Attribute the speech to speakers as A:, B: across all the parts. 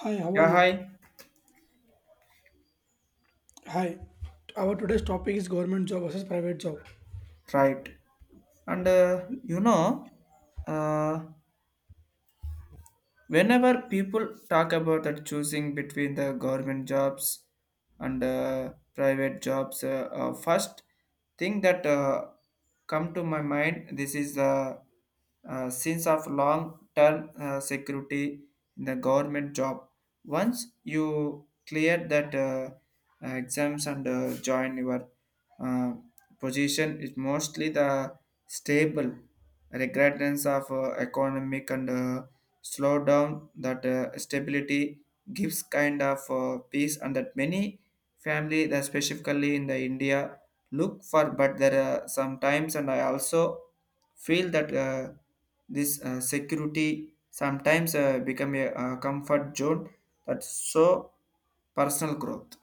A: Hi, how are
B: Yeah,
A: you?
B: hi.
A: Hi. Our today's topic is government job versus private job.
B: Right. And uh, you know, uh, whenever people talk about that choosing between the government jobs and private jobs, first thing that come to my mind this is the sense of long term security in the government job. Once you clear that exams and join your uh, position is mostly the stable regretness of economic and slowdown that stability gives kind of peace and that many family that specifically in the india look for but there are sometimes and I also feel that this security sometimes become a, comfort zone that's so personal growth.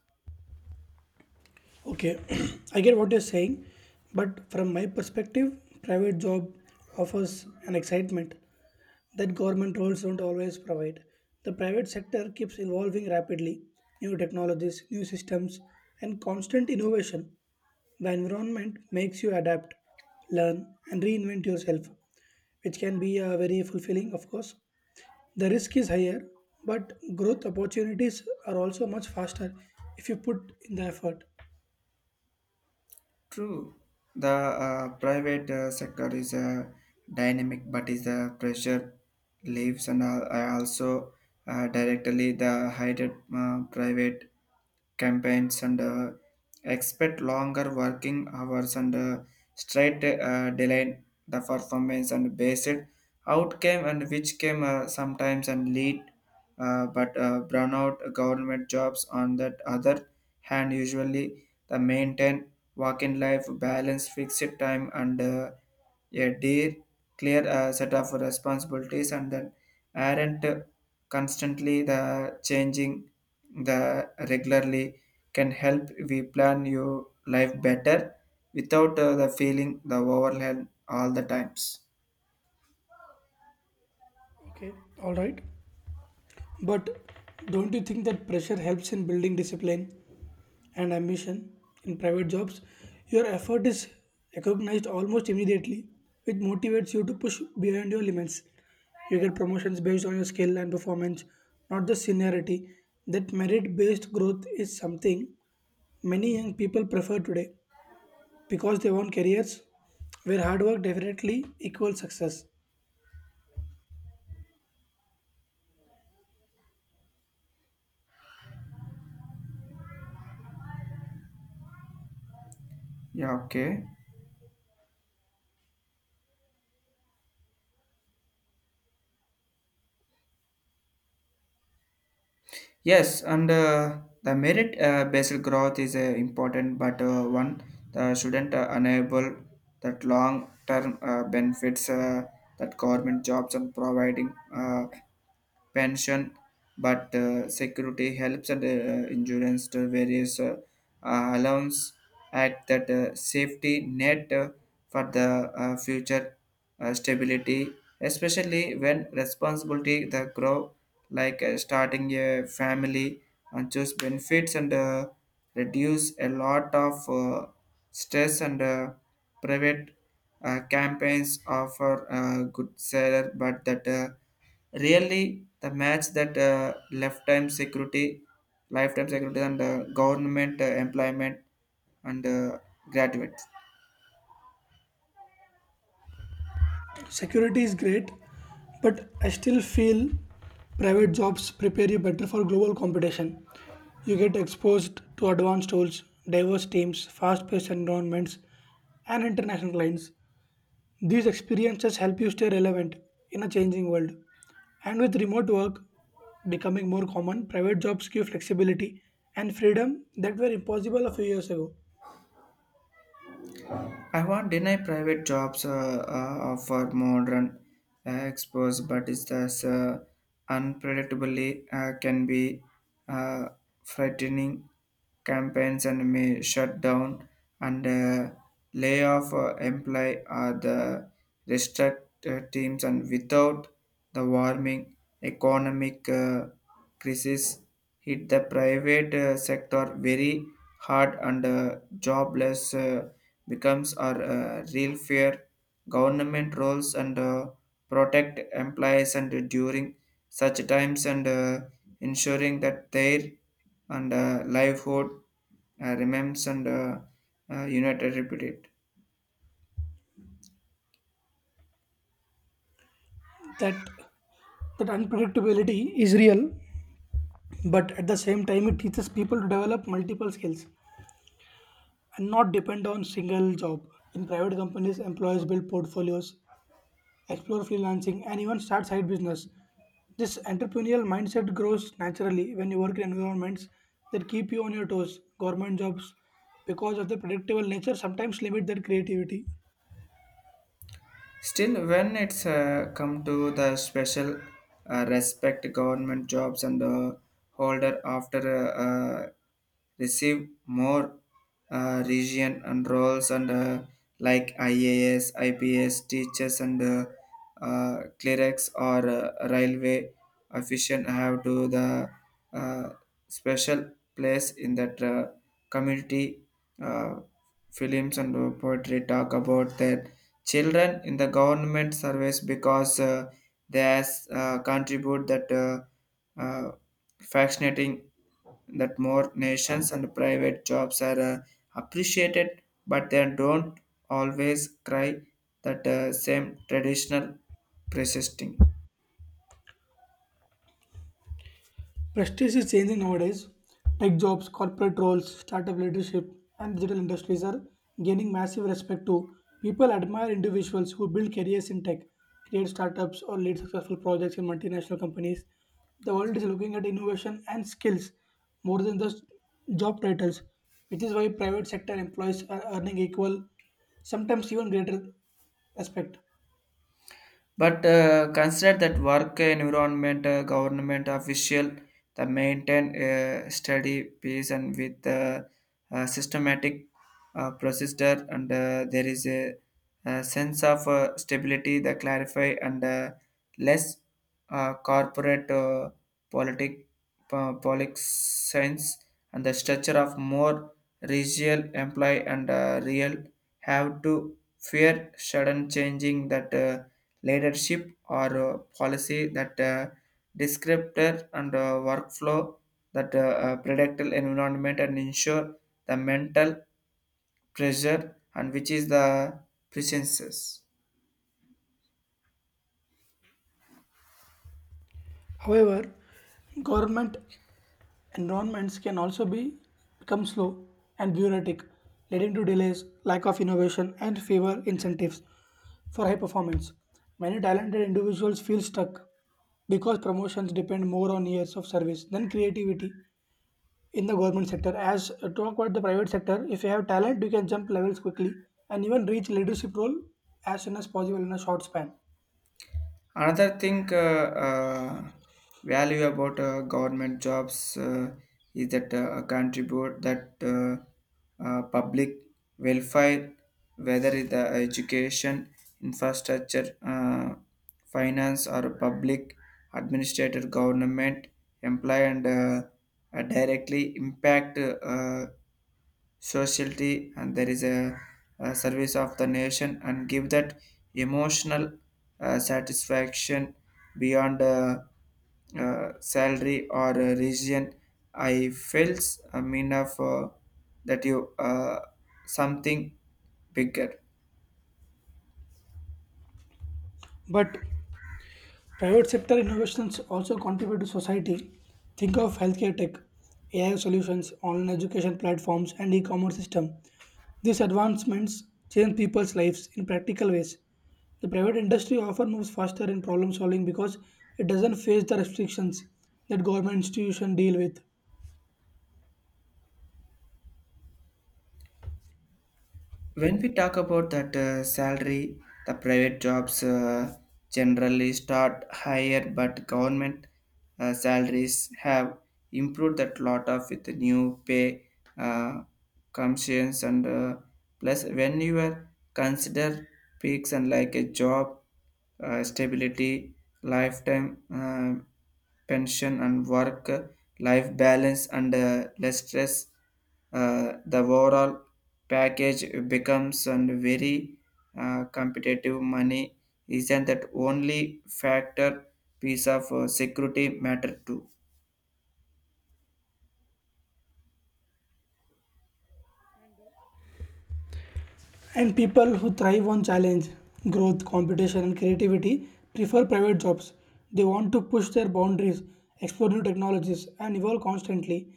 A: Okay, I get what you're saying, but from my perspective, private job offers an excitement that government roles don't always provide. The private sector keeps evolving rapidly, new technologies, new systems, and constant innovation. The environment makes you adapt, learn, and reinvent yourself, which can be very fulfilling, of course. The risk is higher, but growth opportunities are also much faster if you put in the effort.
B: True, the private sector is dynamic, but is the pressure leaves and I also directly the higher private campaigns and expect longer working hours and straight delay the performance and based outcome and which came sometimes and lead but burnout government jobs on that other hand usually the maintain working life balance fixed time and a dear clear set of responsibilities and then aren't constantly the changing the regularly can help we plan your life better without the feeling the overwhelm all the times.
A: Okay, all right. But don't you think that pressure helps in building discipline and ambition in private jobs? Your effort is recognized almost immediately, which motivates you to push beyond your limits. You get promotions based on your skill and performance, not the seniority. That merit based growth is something many young people prefer today because they want careers where hard work definitely equals success.
B: Yeah, okay, yes and the merit based growth is important but one the shouldn't enable that long term benefits that government jobs and providing uh, pension, but security helps and insurance to various allowance at that safety net for the future stability, especially when responsibility the grow like starting a family and choose benefits and reduce a lot of stress and private campaigns offer a good seller but that really, the match that lifetime security, and government employment and graduate.
A: Security is great, but I still feel private jobs prepare you better for global competition. You get exposed to advanced tools, diverse teams, fast paced environments, and international clients. These experiences help you stay relevant in a changing world. And with remote work becoming more common, private jobs give flexibility and freedom that were impossible a few years ago.
B: I won't deny private jobs offer modern exposure, but it's as unpredictably can be uh, frightening. Campaigns and may shut down and lay off employee or the restrict teams and without the warming economic. Crisis hit the private sector very hard and jobless becomes our real fear. Government roles and protect employees and during such times and ensuring that their and livelihood remains and united reputed.
A: that that unpredictability is real, but at the same time, it teaches people to develop multiple skills and not depend on single job. In private companies, employees build portfolios, explore freelancing, and even start side business. This entrepreneurial mindset grows naturally when you work in environments that keep you on your toes. Government jobs, because of their predictable nature, sometimes limit their creativity.
B: Still, when it's come to the special respect government jobs and holder after uh, uh, receive more region and roles and like IAS, IPS, teachers and clerics or railway official have to the uh, special place in that community uh, films and poetry talk about that children in the government service because they has, contribute that fascinating that more nations and private jobs are appreciated but they don't always cry that same traditional persisting.
A: Prestige is changing nowadays. Tech jobs, corporate roles, startup leadership, and digital industries are gaining massive respect too. People admire individuals who build careers in tech, create startups, or lead successful projects in multinational companies. The world is looking at innovation and skills more than just job titles, which is why private sector employees are earning equal, sometimes even greater respect.
B: But consider that work environment, government official, the maintain a steady pace and with a systematic procedure, and there is a sense of stability that clarify and less corporate politic politics sense and the structure of more regional employee and real have to fear sudden changing that. Leadership or policy that descriptor and workflow that predict environment and ensure the mental pressure and which is the presences.
A: However, government Enrollments can also be become slow and bureaucratic, leading to delays, lack of innovation, and fewer incentives for high performance. Many talented individuals feel stuck because promotions depend more on years of service than creativity in the government sector. As talk about the private sector, if you have talent, you can jump levels quickly and even reach leadership role as soon as possible in a short span.
B: Another thing, uh, value about government jobs is that contribute that public welfare, whether it's the education, infrastructure, finance, or public administrator, government employee, and directly impact socialty and there is a service of the nation and give that emotional satisfaction beyond salary or region I felt a mean of that you something bigger.
A: But Private sector innovations also contribute to society. Think of healthcare tech, AI solutions, online education platforms, and e-commerce system. These advancements change people's lives in practical ways. The private industry often moves faster in problem solving because it doesn't face the restrictions that government institutions deal with.
B: When we talk about that salary the private jobs generally start higher but government salaries have improved that lot of with the new pay uh, commissions and plus when you are consider peaks and like a job stability, lifetime uh, pension, and work life balance and less stress. The overall package becomes and very competitive. Money isn't that only factor piece of security matter too.
A: And people who thrive on challenge, growth, competition, and creativity prefer private jobs. They want to push their boundaries, explore new technologies, and evolve constantly.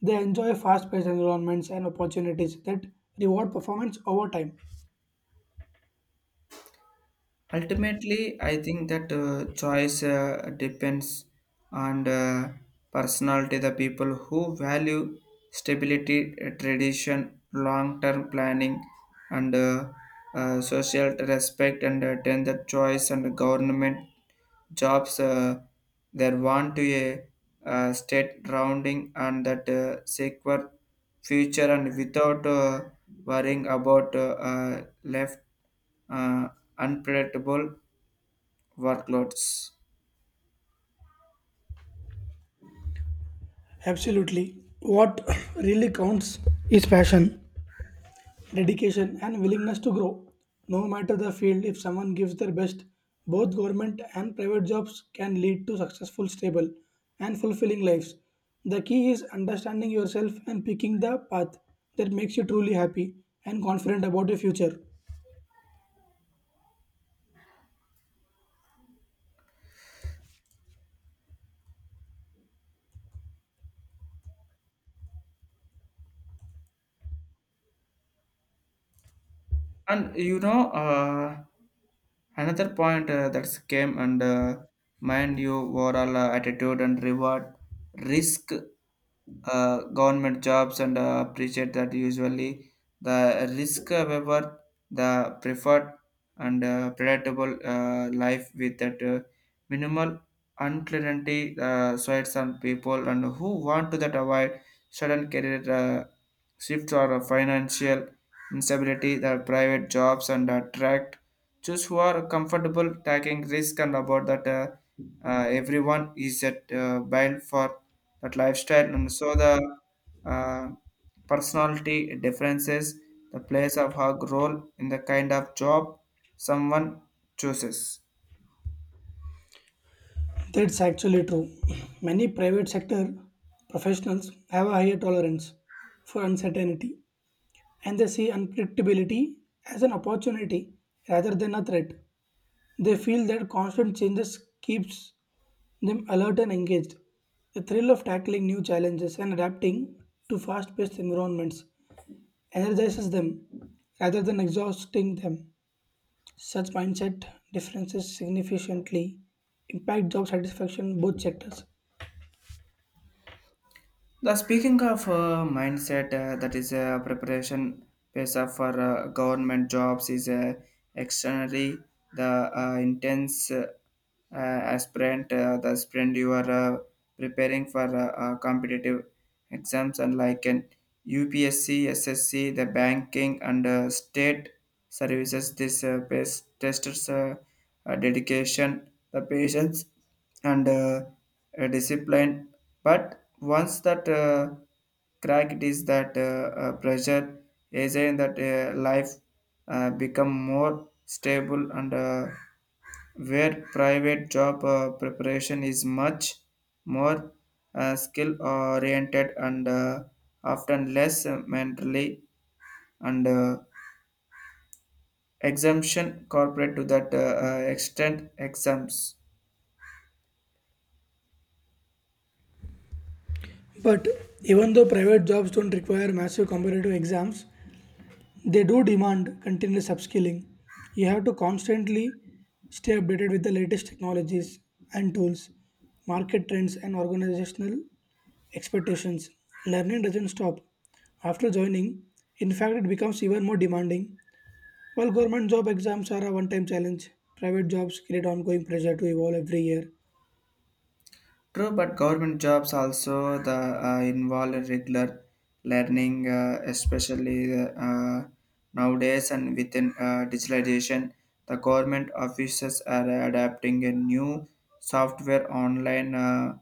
A: They enjoy fast paced environments and opportunities that reward performance over time.
B: Ultimately, I think that choice depends on personality, the people who value stability, tradition, long term planning, and social respect, and then the choice and government jobs there want to a state rounding and that secure future and without worrying about left uh, unpredictable workloads.
A: Absolutely. What really counts is passion, dedication, and willingness to grow. No matter the field, if someone gives their best, both government and private jobs can lead to successful, stable, and fulfilling lives. The key is understanding yourself and picking the path that makes you truly happy and confident about your future.
B: And you know Another point that came and mind you overall attitude and reward risk government jobs and appreciate that usually the risk however the preferred and predictable life with that minimal uncertainty sides on people and who want to that avoid sudden career shifts or financial instability the private jobs and attract just who are comfortable taking risk and about that everyone is at built for that lifestyle and so the uh, personality differences the place of her role in the kind of job someone chooses.
A: That's actually true. Many private sector professionals have a higher tolerance for uncertainty and they see unpredictability as an opportunity rather than a threat. They feel that constant changes keeps them alert and engaged. The thrill of tackling new challenges and adapting to fast-paced environments energizes them rather than exhausting them. Such mindset differences significantly impact job satisfaction in both sectors.
B: The speaking of mindset, that is a preparation phase of for government jobs is externally the intense aspirant, the aspirant you are preparing for competitive exams and like an UPSC, SSC, the banking and state services. This best testers dedication, the patience, and discipline. But once that crack it is that pressure is in that life become more stable and where private job preparation is much more skill oriented and often less mentally and exemption corporate to that extent exempts.
A: But even though private jobs don't require massive competitive exams, they do demand continuous upskilling. You have to constantly stay updated with the latest technologies and tools, market trends, and organizational expectations. Learning doesn't stop after joining, in fact, it becomes even more demanding. While government job exams are a one time challenge, private jobs create ongoing pressure to evolve every year.
B: True, but government jobs also the involve regular learning, especially nowadays and within digitalization. The government offices are adapting a new software, online uh,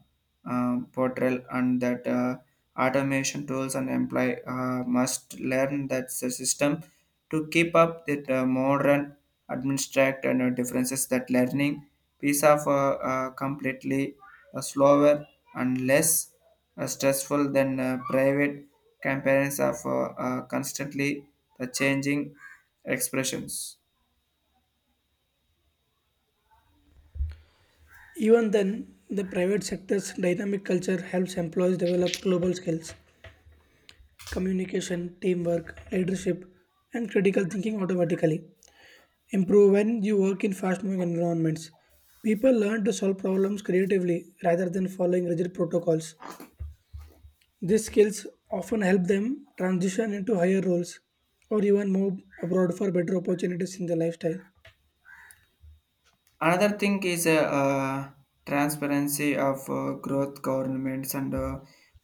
B: uh, portal, and that automation tools and employee must learn that the system to keep up with the modern administrative and differences that learning piece of completely slower and less stressful than private campaigns of constantly the changing expressions.
A: Even then, the private sector's dynamic culture helps employees develop global skills, communication, teamwork, leadership, and critical thinking automatically. Improve when you work in fast moving environments. People learn to solve problems creatively rather than following rigid protocols. These skills often help them transition into higher roles or even move abroad for better opportunities in their lifestyle.
B: Another thing is uh, transparency of growth governments and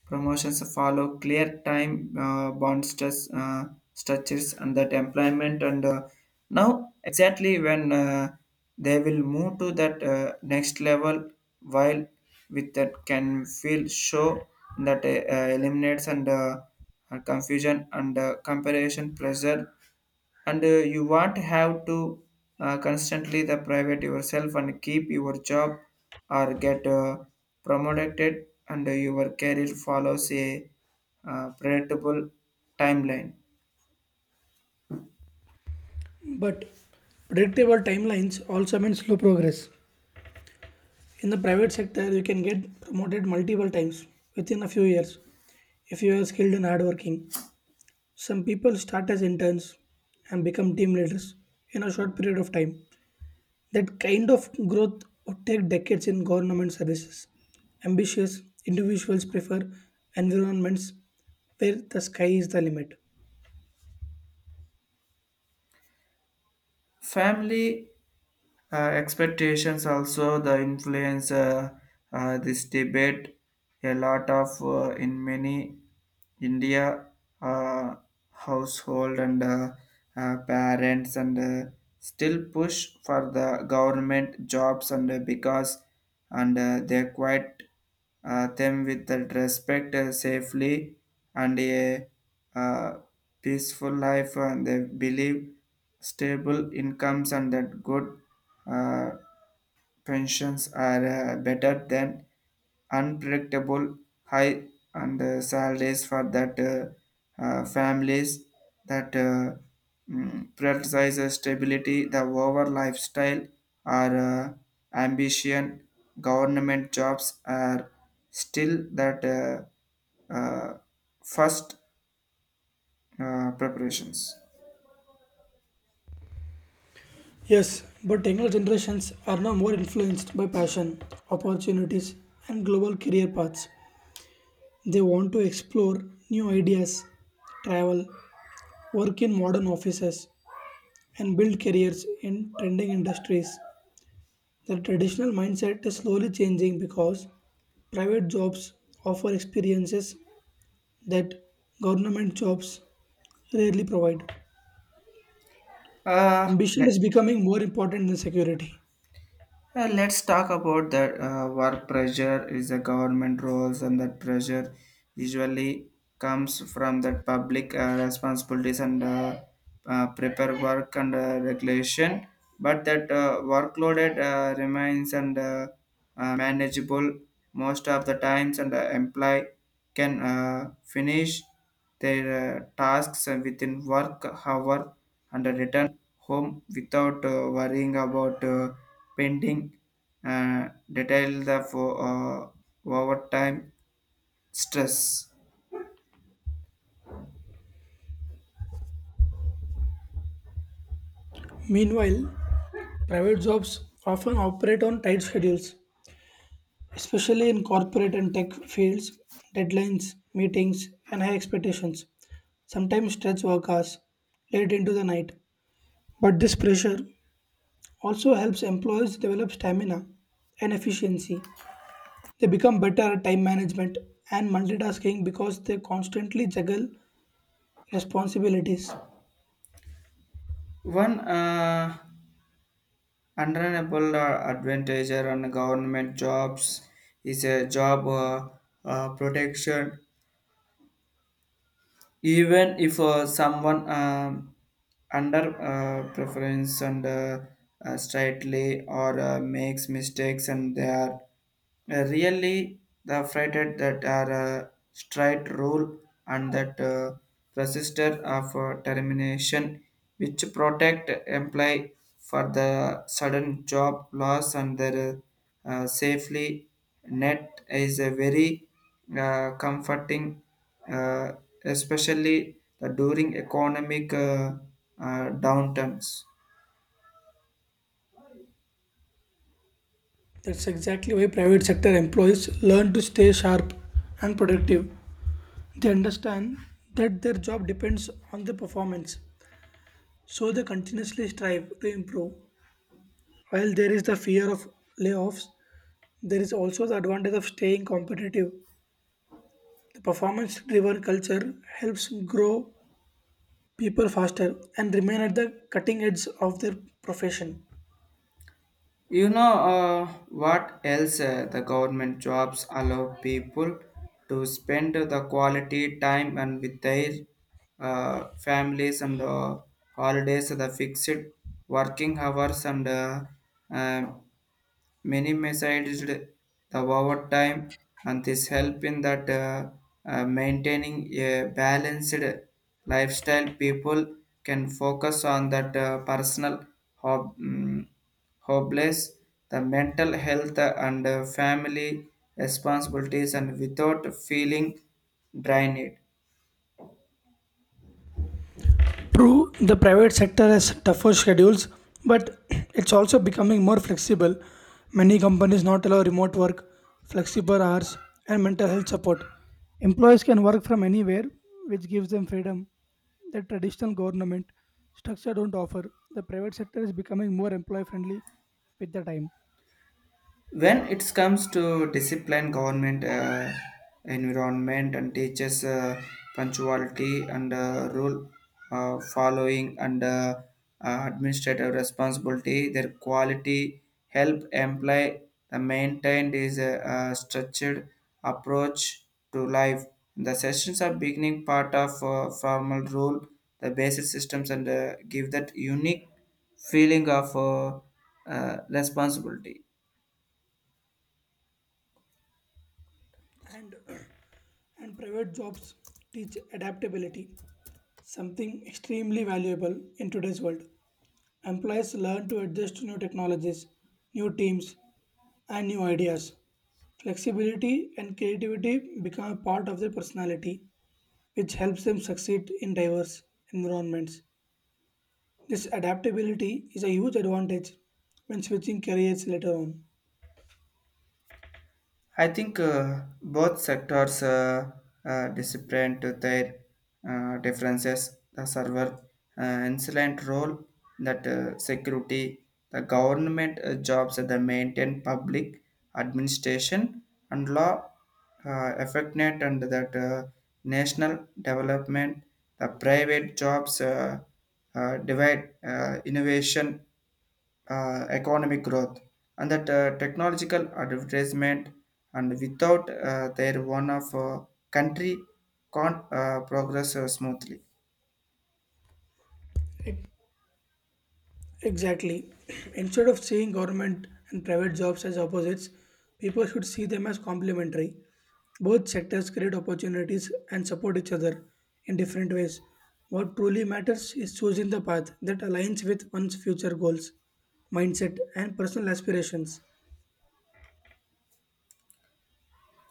B: promotions follow clear time bond stress, structures and that employment and now exactly when they will move to that next level while with that can feel show that eliminates and confusion and comparison pressure and you won't have to constantly the private yourself and keep your job or get promoted and your career follows a predictable timeline.
A: But predictable timelines also mean slow progress. In the private sector, you can get promoted multiple times within a few years if you are skilled and hardworking. Some people start as interns and become team leaders in a short period of time. That kind of growth would take decades in government services. Ambitious individuals prefer environments where the sky is the limit.
B: Family expectations also the influence this debate a lot of in many India uh, household and parents and still push for the government jobs and because and they quite them with the respect safely and a uh, peaceful life and they believe stable incomes and that good uh, pensions are better than unpredictable high and salaries for that families that prioritizes stability the over lifestyle or ambition government jobs are still that first preparations.
A: Yes, but younger generations are now more influenced by passion, opportunities, and global career paths. They want to explore new ideas, travel, work in modern offices, and build careers in trending industries. The traditional mindset is slowly changing because private jobs offer experiences that government jobs rarely provide.
B: Uh,
A: Ambition is
B: let,
A: becoming more important than security.
B: Let's talk about that work pressure is the government roles and that pressure usually comes from that public responsibilities and prepare work and regulation but that workloaded remains and manageable most of the times and employee can finish their tasks within work hour and return home without worrying about pending uh, detail the for overtime stress.
A: Meanwhile, private jobs often operate on tight schedules, especially in corporate and tech fields. Deadlines, meetings, and high expectations sometimes stretch work hours late into the night. But this pressure also helps employees develop stamina and efficiency. They become better at time management and multitasking because they constantly juggle responsibilities.
B: One undeniable advantage on government jobs is a job protection even if someone under preference and slightly or makes mistakes and they are really the frighted that are straight rule and that resistor of termination which protect employee for the sudden job loss and their safely net is a very comforting uh, especially the during economic downturns.
A: That's exactly why private sector employees learn to stay sharp and productive. They understand that their job depends on the performance, so they continuously strive to improve. While there is the fear of layoffs, there is also the advantage of staying competitive. The performance driven culture helps grow people faster and remain at the cutting edge of their profession.
B: You know what else the government jobs allow people to spend the quality time and with their families and holidays the fixed working hours and uh, minimized the overtime and this help in that maintaining a balanced lifestyle people can focus on that personal hob- mm, hobbies the mental health and family responsibilities and without feeling drained.
A: True, the private sector has tougher schedules, but it's also becoming more flexible. Many companies not allow remote work, flexible hours, and mental health support. Employees can work from anywhere, which gives them freedom that traditional government structure don't offer. The private sector is becoming more employee friendly with the time.
B: When it comes to discipline government environment and teachers punctuality and rule following and administrative responsibility their quality help employ the maintained is a, structured approach to life the sessions are beginning part of formal rule the basic systems and give that unique feeling of responsibility.
A: And and private jobs teach adaptability, something extremely valuable in today's world. Employees learn to adjust to new technologies, new teams, and new ideas. Flexibility and creativity become a part of their personality, which helps them succeed in diverse environments. This adaptability is a huge advantage when switching careers later on.
B: I think both sectors disciplined to their differences. The server insolent role that security, the government jobs that maintain public administration and law affect net and that national development, the private jobs divide innovation economic growth and that technological advertisement and without their one of country can't progress smoothly.
A: It Exactly. Instead of seeing government and private jobs as opposites, people should see them as complementary. Both sectors create opportunities and support each other in different ways. What truly matters is choosing the path that aligns with one's future goals, mindset, and personal aspirations.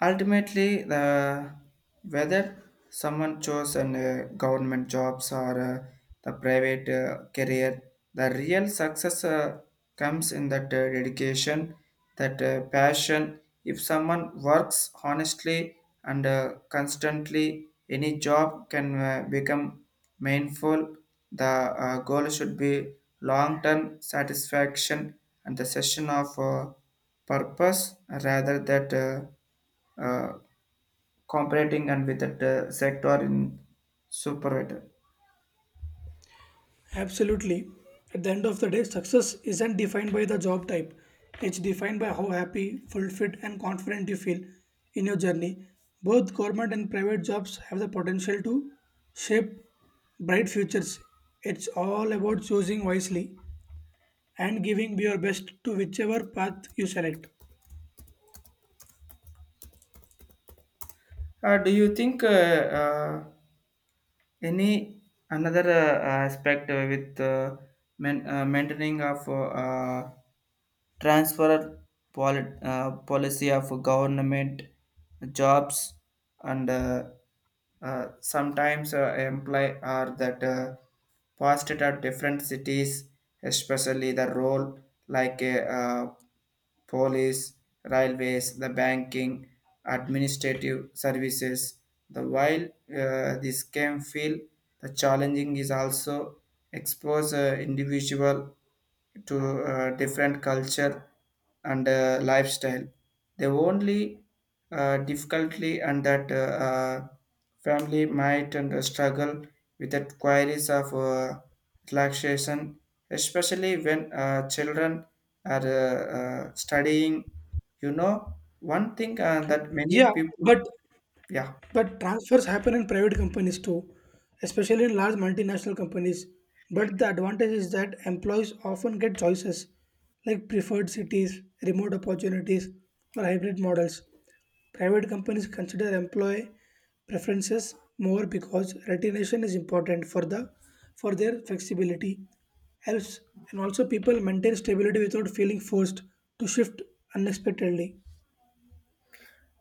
B: Ultimately, the whether someone chose an government jobs or the private career, the real success comes in that dedication, that passion. If someone works honestly and constantly, any job can become meaningful. The goal should be long-term satisfaction and the session of purpose rather that. Uh, competing and with that sector in supervisor.
A: Absolutely. At the end of the day, success isn't defined by the job type. It's defined by how happy, fulfilled, and confident you feel in your journey. Both government and private jobs have the potential to shape bright futures. It's all about choosing wisely and giving your best to whichever path you select.
B: Do you think any another aspect with maintaining of transfer policy of government jobs and sometimes employ are that posted at different cities, especially the role like a police, railways, the banking, administrative services. The while this can feel the challenging is also expose individual to different culture and lifestyle. The only difficulty and that family might and struggle with the queries of relaxation, especially when children are studying. You know, one thing that many
A: Yeah,
B: people,
A: but
B: yeah.
A: But transfers happen in private companies too, especially in large multinational companies. But the advantage is that employees often get choices like preferred cities, remote opportunities, or hybrid models. Private companies consider employee preferences more because retention is important for their flexibility helps and also people maintain stability without feeling forced to shift unexpectedly.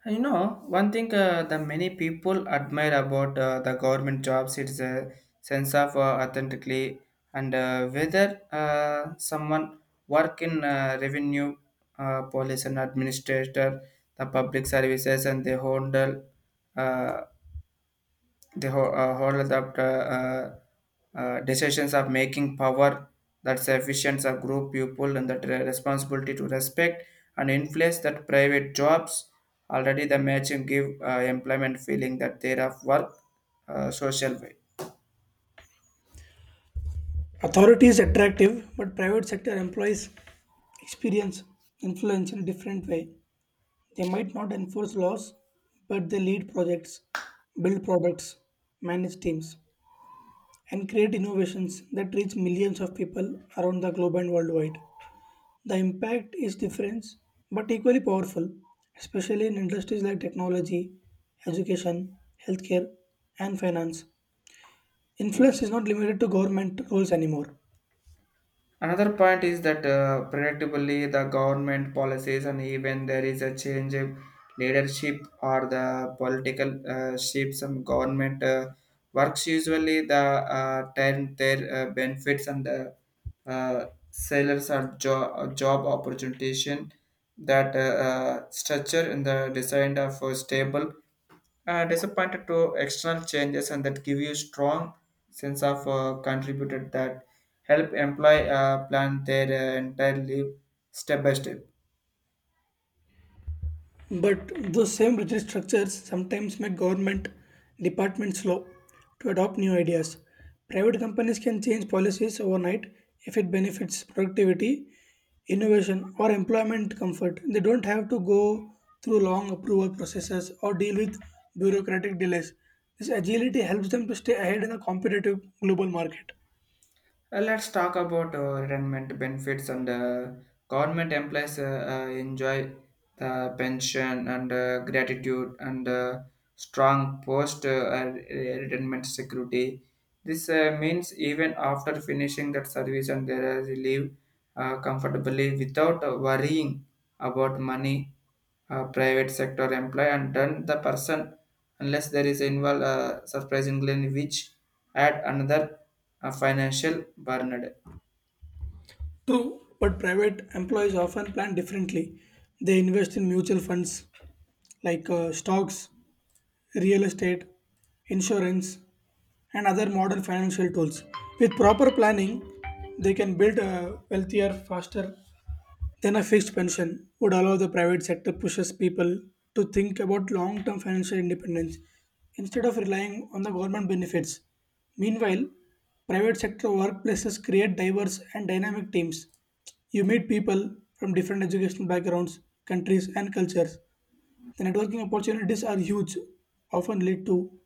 B: You know, one thing that many people admire about the government jobs is a sense of authentically and whether someone work in revenue, police and administrator, the public services and they handle uh, the whole of the uh, decisions of making power that sufficient of group people and that responsibility to respect and influence that private jobs already the matching give employment feeling that they of work social way.
A: Authority is attractive, but private sector employees experience influence in a different way. They might not enforce laws, but they lead projects, build products, manage teams, and create innovations that reach millions of people around the globe and worldwide. The impact is different but equally powerful, especially in industries like technology, education, healthcare, and finance. Influence is not limited to government roles anymore.
B: Another point is that predictably the government policies and even there is a change in leadership or the political shifts and government works usually the turn their benefits and the sellers or job opportunity that structure in the design of a stable disappointed to external changes and that give you strong sense of contributed that help employ plan their entire life step by step.
A: But those same rigid structures sometimes make government departments slow to adopt new ideas. Private companies can change policies overnight if it benefits productivity, innovation, or employment comfort. They don't have to go through long approval processes or deal with bureaucratic delays. This agility helps them to stay ahead in a competitive global market.
B: Let's talk about retirement benefits and government employees enjoy the pension and gratitude and strong post uh, retirement security. This means even after finishing that service and there is live comfortably without worrying about money private sector employee and then the person unless there is involved surprisingly which add another financial burden
A: True, but private employees often plan differently. They invest in mutual funds like stocks, real estate, insurance, and other modern financial tools. With proper planning, they can build a wealthier faster then a fixed pension would allow the private sector pushes people to think about long-term financial independence instead of relying on the government benefits. Meanwhile, private sector workplaces create diverse and dynamic teams. You meet people from different educational backgrounds, countries and cultures. The networking opportunities are huge, often lead to